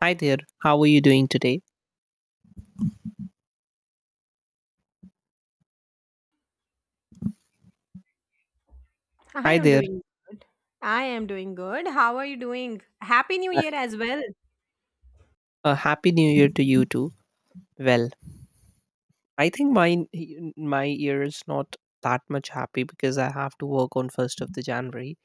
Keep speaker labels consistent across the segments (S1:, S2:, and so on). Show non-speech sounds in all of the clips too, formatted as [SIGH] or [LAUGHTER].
S1: Hi there, how are you doing today?
S2: I
S1: Hi
S2: am
S1: there,
S2: doing. I am doing good. How are you doing? Happy New
S1: uh,
S2: Year as well. [LAUGHS]
S1: a happy new year to you too. Well, I think my year is not that much happy because I have to work on first of the January.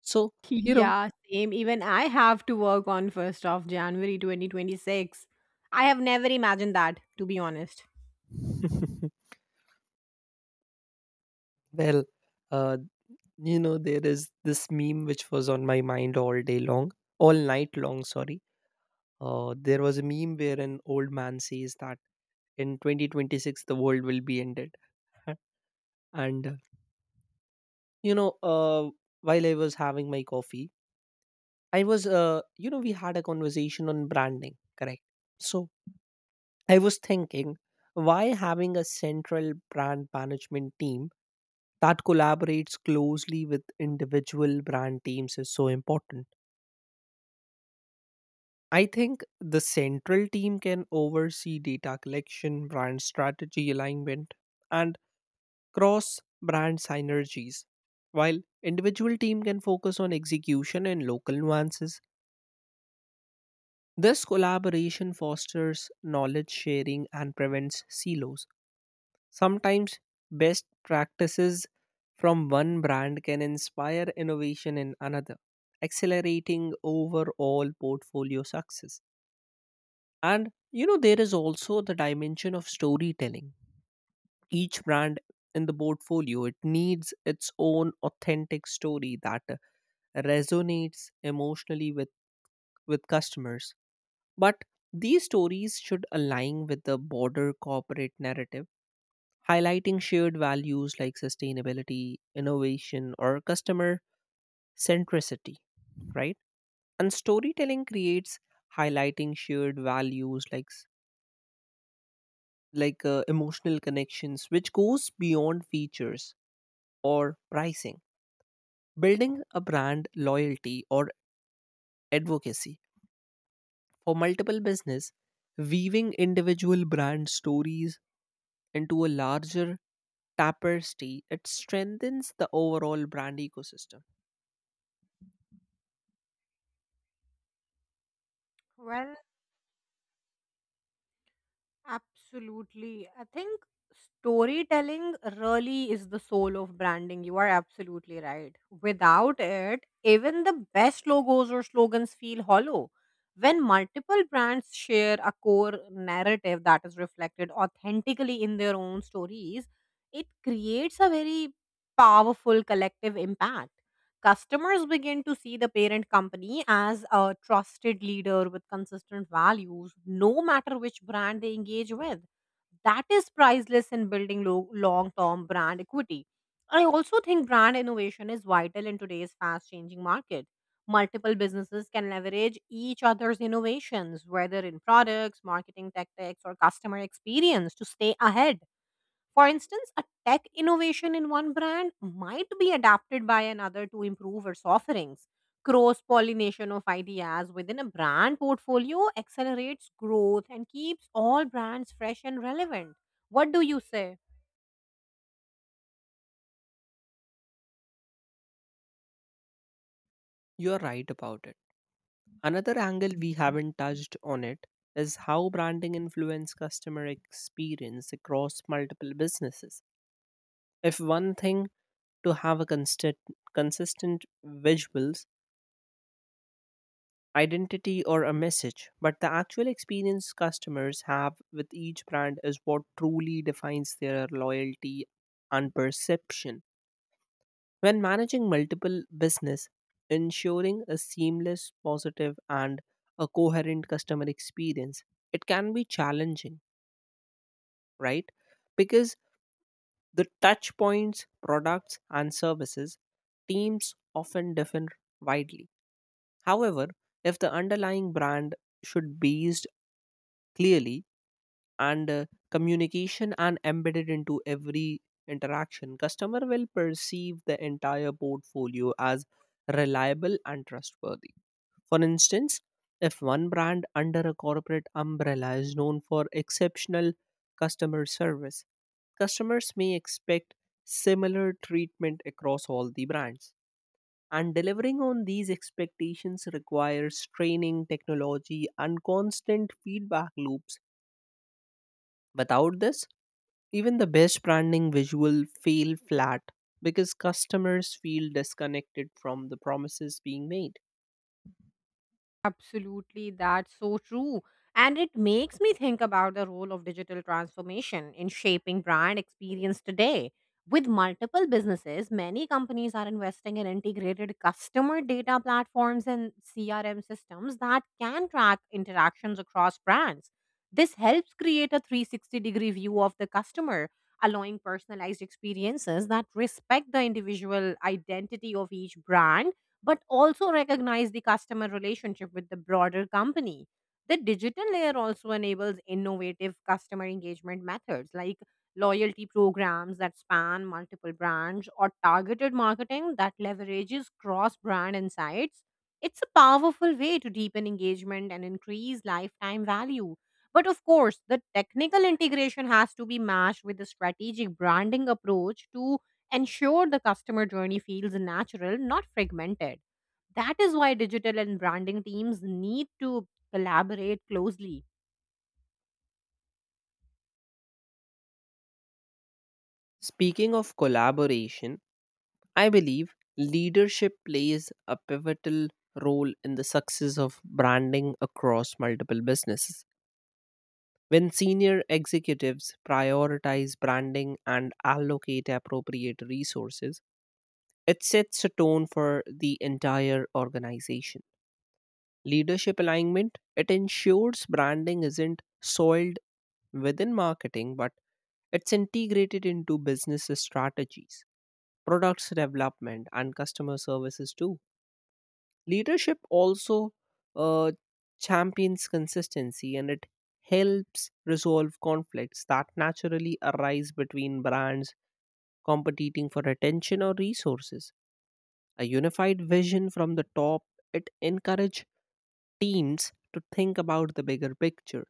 S1: So you know,
S2: Yeah, same. Even I have to work on 1st of January 2026. I have never imagined that, to be honest.
S1: [LAUGHS] well, uh, you know there is this meme which was on my mind all day long, all night long. Sorry, there was a meme where an old man says that in 2026 the world will be ended, [LAUGHS] and you know, uh, while I was having my coffee I was, you know, we had a conversation on branding, correct? So I was thinking, why having a central brand management team that collaborates closely with individual brand teams is so important? I think the central team can oversee data collection, brand strategy alignment, and cross brand synergies, while individual team can focus on execution and local nuances. This collaboration fosters knowledge sharing and prevents silos. Sometimes best practices from one brand can inspire innovation in another, accelerating overall portfolio success. And you know there is also the dimension of storytelling. Each brand in the portfolio it needs its own authentic story that resonates emotionally with customers. But these stories should align with the broader corporate narrative, highlighting shared values like sustainability, innovation, or customer centricity, right? And storytelling creates highlighting shared values like emotional connections, which goes beyond features or pricing, building a brand loyalty or advocacy for multiple business, weaving individual brand stories into a larger Tapper's tea, it strengthens the overall brand ecosystem.
S2: Well, absolutely. I think storytelling really is the soul of branding. You are absolutely right. Without it, even the best logos or slogans feel hollow. When multiple brands share a core narrative that is reflected authentically in their own stories, it creates a very powerful collective impact. Customers begin to see the parent company as a trusted leader with consistent values, no matter which brand they engage with. That is priceless in building long term brand equity. I also think brand innovation is vital in today's fast changing market. Multiple businesses can leverage each other's innovations, whether in products, marketing tactics, or customer experience, to stay ahead. For instance, a tech innovation in one brand might be adapted by another to improve its offerings. Cross pollination of ideas within a brand portfolio accelerates growth and keeps all brands fresh and relevant. What do you say?
S1: You're right about it. Another angle we haven't touched on it is how branding influence customer experience across multiple businesses. If one thing to have a constant consistent visuals identity or a message, but the actual experience customers have with each brand is what truly defines their loyalty and perception. When managing multiple business, ensuring a seamless, positive, and a coherent customer experience, it can be challenging, right? Because the touch points, products, and services teams often differ widely. However, if the underlying brand should be based clearly and communication and embedded into every interaction customer will perceive the entire portfolio as reliable and trustworthy. For instance, if one brand under a corporate umbrella is known for exceptional customer service, customers may expect similar treatment across all the brands, and delivering on these expectations requires training technology and constant feedback loops. Without this, even the best branding visual feel flat because customers feel disconnected from the promises being made.
S2: Absolutely, that's so true. And it makes me think about the role of digital transformation in shaping brand experience today. With multiple businesses, many companies are investing in integrated customer data platforms and CRM systems that can track interactions across brands. This helps create a 360-degree view of the customer, allowing personalized experiences that respect the individual identity of each brand but also recognize the customer relationship with the broader company. The digital layer also enables innovative customer engagement methods like loyalty programs that span multiple brands or targeted marketing that leverages cross brand insights. It's a powerful way to deepen engagement and increase lifetime value. But of course, the technical integration has to be matched with the strategic branding approach to ensure the customer journey feels natural, not fragmented. That is why digital and branding teams need to collaborate closely.
S1: Speaking of collaboration, I believe leadership plays a pivotal role in the success of branding across multiple businesses. When senior executives prioritize branding and allocate appropriate resources, it sets a tone for the entire organization. Leadership alignment, it ensures branding isn't soiled within marketing, but it's integrated into business strategies, products development, and customer services too. Leadership also uh, champions consistency and it helps resolve conflicts that naturally arise between brands competing for attention or resources. A unified vision from the top, it encourage teams to think about the bigger picture,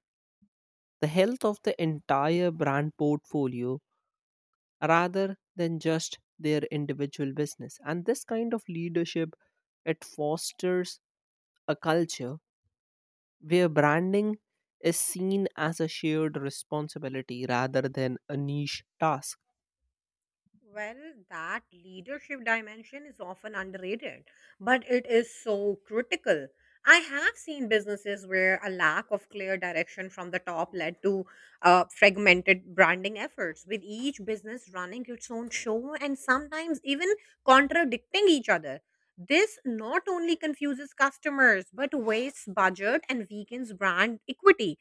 S1: the health of the entire brand portfolio rather than just their individual business. And this kind of leadership, it fosters a culture where branding is seen as a shared responsibility rather than a niche task.
S2: Well, that leadership dimension is often underrated, but it is so critical. I have seen businesses where a lack of clear direction from the top led to fragmented branding efforts, with each business running its own show and sometimes even contradicting each other. This not only confuses customers, but wastes budget and weakens brand equity.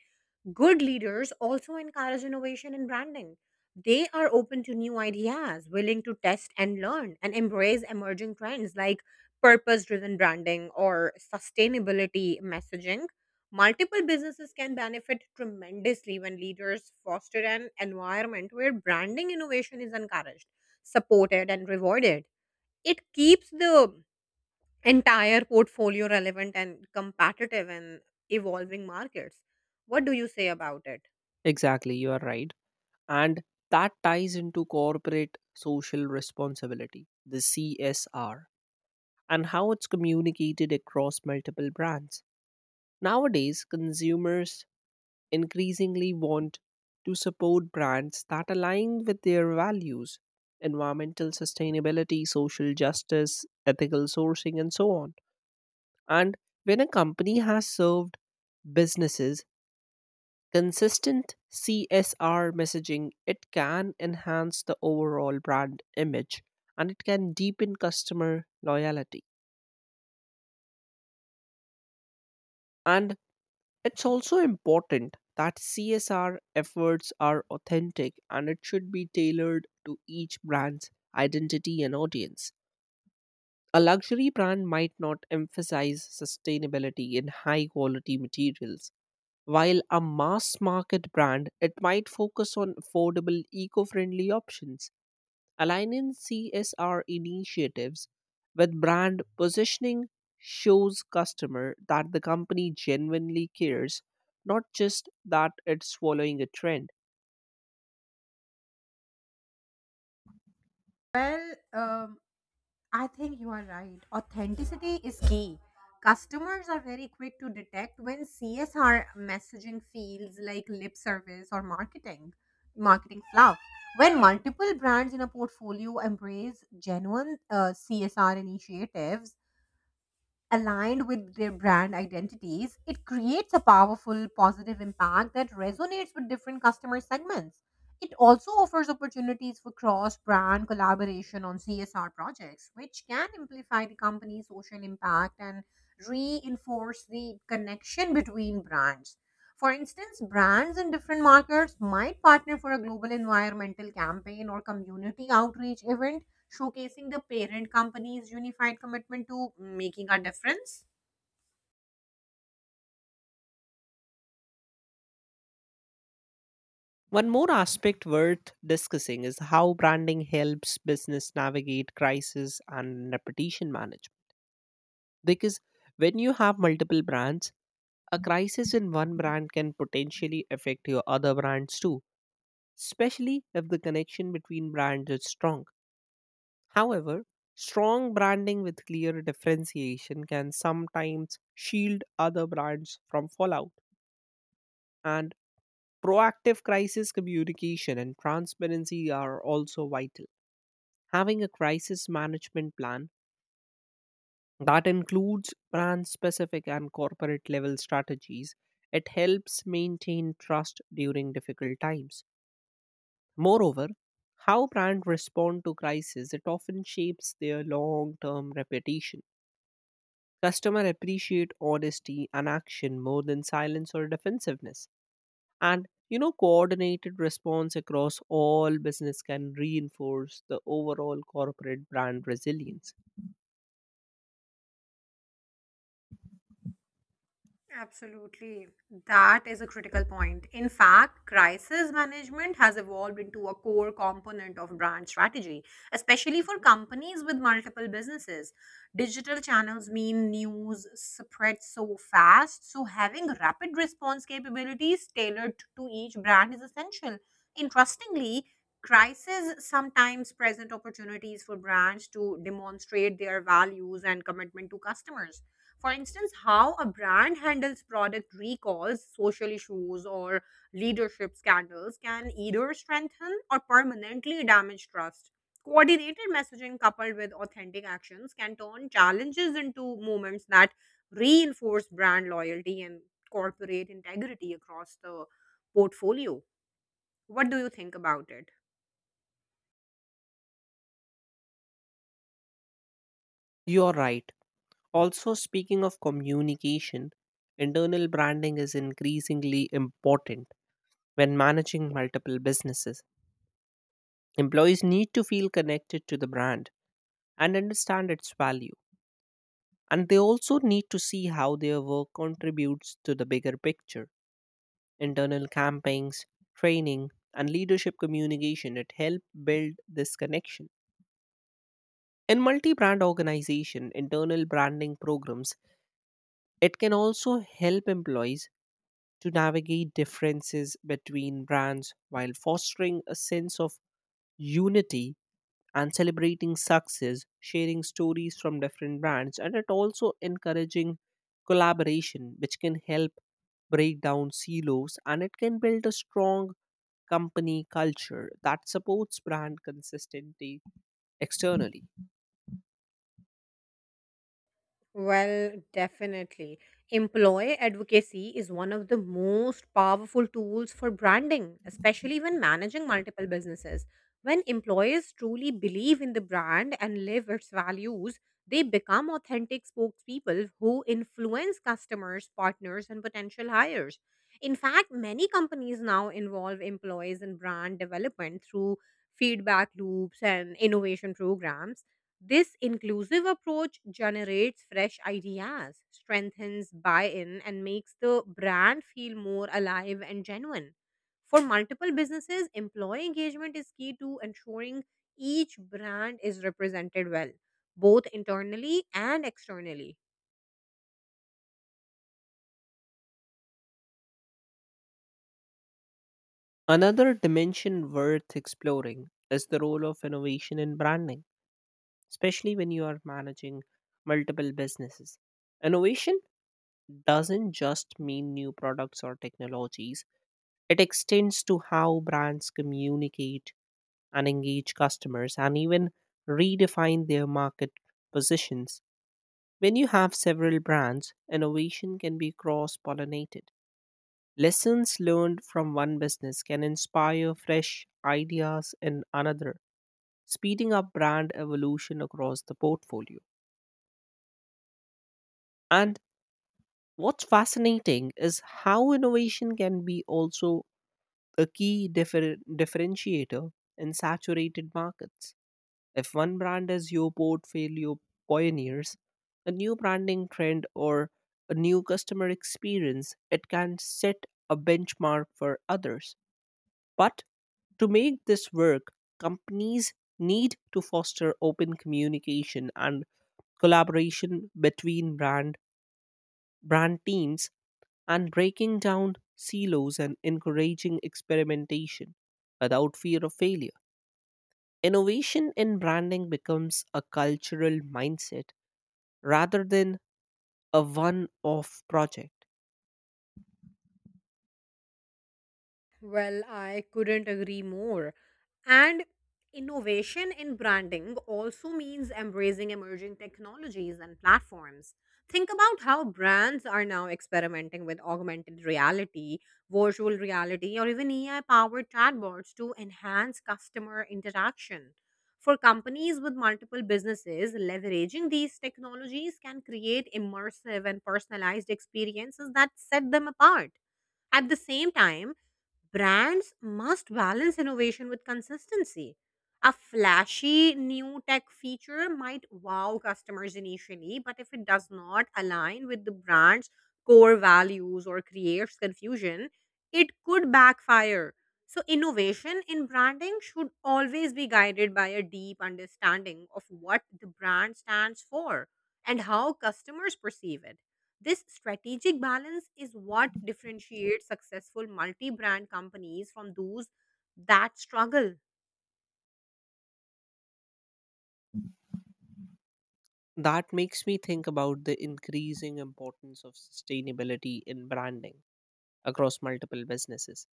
S2: Good leaders also encourage innovation in branding. They are open to new ideas, willing to test and learn, and embrace emerging trends like purpose driven branding or sustainability messaging. Multiple businesses can benefit tremendously when leaders foster an environment where branding innovation is encouraged, supported, and rewarded. It keeps the entire portfolio relevant and competitive in evolving markets. What do you say about it?
S1: Exactly, you are right. And that ties into corporate social responsibility, the CSR, and how it's communicated across multiple brands. Nowadays, consumers increasingly want to support brands that align with their values, environmental sustainability, social justice, ethical sourcing, and so on. And when a company has served businesses consistent CSR messaging, it can enhance the overall brand image and it can deepen customer loyalty. And it's also important that CSR efforts are authentic and it should be tailored to each brand's identity and audience. A luxury brand might not emphasize sustainability in high quality materials, while a mass market brand it might focus on affordable eco-friendly options. Aligning CSR initiatives with brand positioning shows customer that the company genuinely cares, not just that it's following a trend.
S2: Well, um, I think you are right. Authenticity is key. Customers are very quick to detect when CSR messaging feels like lip service or marketing fluff. When multiple brands in a portfolio embrace genuine CSR initiatives, aligned with their brand identities, it creates a powerful positive impact that resonates with different customer segments. It also offers opportunities for cross brand collaboration on CSR projects, which can amplify the company's social impact and reinforce the connection between brands. For instance, brands in different markets might partner for a global environmental campaign or community outreach event showcasing the parent company's unified commitment to making a difference.
S1: One more aspect worth discussing is how branding helps business navigate crisis and reputation management. Because when you have multiple brands, a crisis in one brand can potentially affect your other brands too, especially if the connection between brands is strong. However, strong branding with clear differentiation can sometimes shield other brands from fallout, and proactive crisis communication and transparency are also vital. Having a crisis management plan that includes brand specific and corporate level strategies, it helps maintain trust during difficult times. Moreover, how brands respond to crisis it often shapes their long-term reputation. Customer appreciate honesty and action more than silence or defensiveness. And you know, coordinated response across all business can reinforce the overall corporate brand resilience.
S2: Absolutely. That is a critical point. In fact, crisis management has evolved into a core component of brand strategy, especially for companies with multiple businesses. Digital channels mean news spreads so fast, so having rapid response capabilities tailored to each brand is essential. Interestingly, crises sometimes present opportunities for brands to demonstrate their values and commitment to customers for instance, how a brand handles product recalls, social issues, or leadership scandals can either strengthen or permanently damage trust. Coordinated messaging coupled with authentic actions can turn challenges into moments that reinforce brand loyalty and corporate integrity across the portfolio. What do you think about it?
S1: You're right. Also, speaking of communication, internal branding is increasingly important when managing multiple businesses. Employees need to feel connected to the brand and understand its value. And they also need to see how their work contributes to the bigger picture. Internal campaigns, training, and leadership communication it help build this connection. In multi-brand organization, internal branding programs, it can also help employees to navigate differences between brands while fostering a sense of unity and celebrating success, sharing stories from different brands, and it also encouraging collaboration, which can help break down silos and it can build a strong company culture that supports brand consistency externally.
S2: Well, definitely. Employee advocacy is one of the most powerful tools for branding, especially when managing multiple businesses. When employees truly believe in the brand and live its values, they become authentic spokespeople who influence customers, partners, and potential hires. In fact, many companies now involve employees in brand development through feedback loops and innovation programs. This inclusive approach generates fresh ideas, strengthens buy in, and makes the brand feel more alive and genuine. For multiple businesses, employee engagement is key to ensuring each brand is represented well, both internally and externally.
S1: Another dimension worth exploring is the role of innovation in branding, especially when you are managing multiple businesses. Innovation doesn't just mean new products or technologies. It extends to how brands communicate and engage customers and even redefine their market positions. When you have several brands, innovation can be cross pollinated. Lessons learned from one business can inspire fresh ideas in another, speeding up brand evolution across the portfolio. And what's fascinating is how innovation can be also a key differentiator in saturated markets. If one brand is your portfolio pioneers, a new branding trend or a new customer experience, it can set a benchmark for others. But to make this work, companies need to foster open communication and collaboration between brand teams, and breaking down silos and encouraging experimentation without fear of failure, innovation in branding becomes a cultural mindset rather than a one off project.
S2: Well, I couldn't agree more. And innovation in branding also means embracing emerging technologies and platforms. Think about how brands are now experimenting with augmented reality, virtual reality, or even AI powered chatbots to enhance customer interaction. For companies with multiple businesses, leveraging these technologies can create immersive and personalized experiences that set them apart. At the same time, brands must balance innovation with consistency. A flashy new tech feature might wow customers initially, but if it does not align with the brand's core values or creates confusion, it could backfire. So, innovation in branding should always be guided by a deep understanding of what the brand stands for and how customers perceive it. This strategic balance is what differentiates successful multi brand companies from those that struggle.
S1: That makes me think about the increasing importance of sustainability in branding across multiple businesses.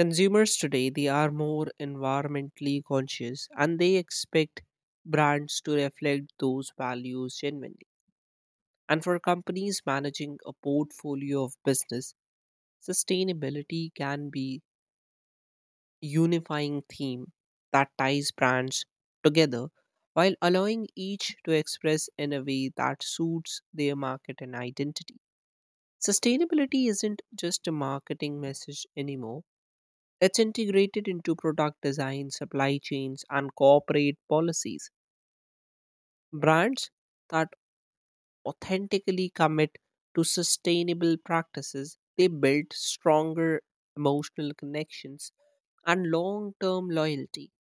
S1: Consumers today, they are more environmentally conscious and they expect brands to reflect those values genuinely. And for companies managing a portfolio of business, sustainability can be unifying theme that ties brands together while allowing each to express in a way that suits their market and identity. Sustainability isn't just a marketing message anymore, it's integrated into product design, supply chains, and corporate policies. Brands that authentically commit to sustainable practices they build stronger emotional connections and long-term loyalty.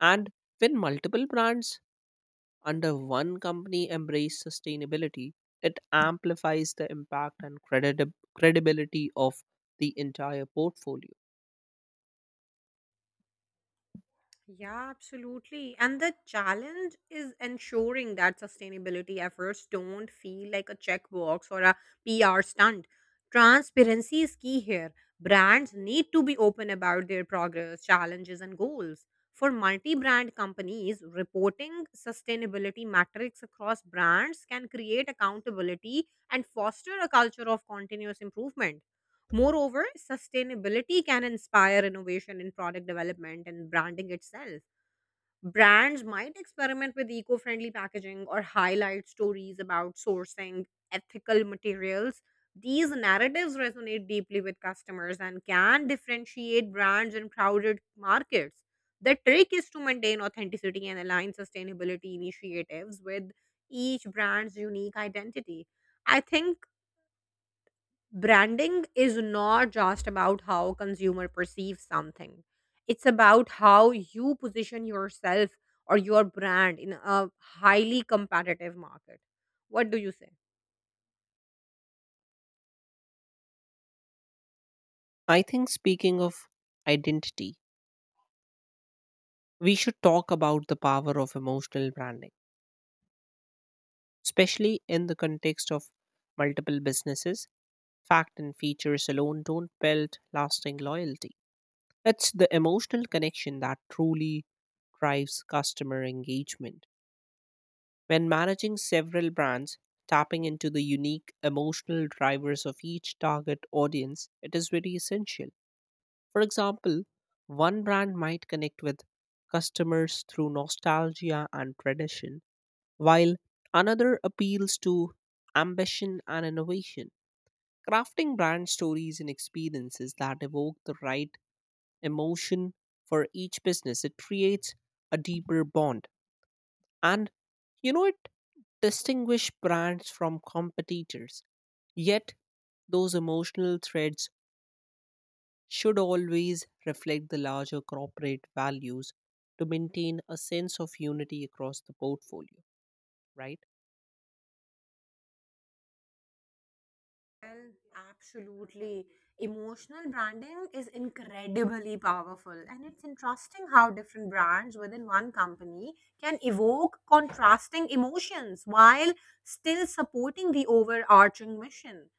S1: And when multiple brands under one company embrace sustainability, it amplifies the impact and credibility of the entire portfolio.
S2: Yeah, absolutely. And the challenge is ensuring that sustainability efforts don't feel like a checkbox or a PR stunt. Transparency is key here. Brands need to be open about their progress, challenges, and goals. For multi brand companies, reporting sustainability metrics across brands can create accountability and foster a culture of continuous improvement. Moreover, sustainability can inspire innovation in product development and branding itself. Brands might experiment with eco friendly packaging or highlight stories about sourcing ethical materials. These narratives resonate deeply with customers and can differentiate brands in crowded markets. The trick is to maintain authenticity and align sustainability initiatives with each brand's unique identity. I think branding is not just about how consumer perceives something. It's about how you position yourself or your brand in a highly competitive market. What do you say?
S1: I think, speaking of identity, we should talk about the power of emotional branding, especially in the context of multiple businesses. Fact and features alone don't build lasting loyalty. It's the emotional connection that truly drives customer engagement. When managing several brands, tapping into the unique emotional drivers of each target audience, it is very essential. For example, one brand might connect with customers through nostalgia and tradition, while another appeals to ambition and innovation. Crafting brand stories and experiences that evoke the right emotion for each business, it creates a deeper bond and you know it distinguish brands from competitors, yet those emotional threads should always reflect the larger corporate values to maintain a sense of unity across the portfolio, right?
S2: Well, absolutely. Emotional branding is incredibly powerful, and it's interesting how different brands within one company can evoke contrasting emotions while still supporting the overarching mission.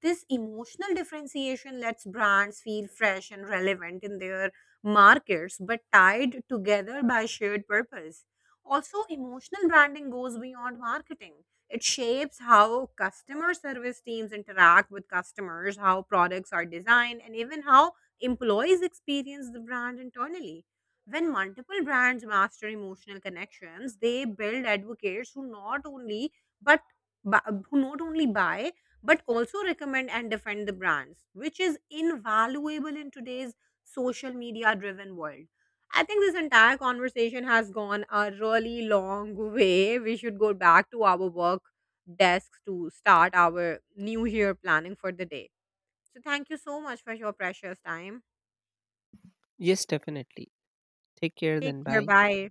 S2: This emotional differentiation lets brands feel fresh and relevant in their markets, but tied together by shared purpose. Also, emotional branding goes beyond marketing. It shapes how customer service teams interact with customers, how products are designed, and even how employees experience the brand internally. When multiple brands master emotional connections, they build advocates who not only but who not only buy but also recommend and defend the brands, which is invaluable in today's social media driven world. I think this entire conversation has gone a really long way. We should go back to our work desks to start our new year planning for the day. So, thank you so much for your precious time.
S1: Yes, definitely. Take care
S2: Take
S1: then,
S2: care.
S1: bye.
S2: Bye.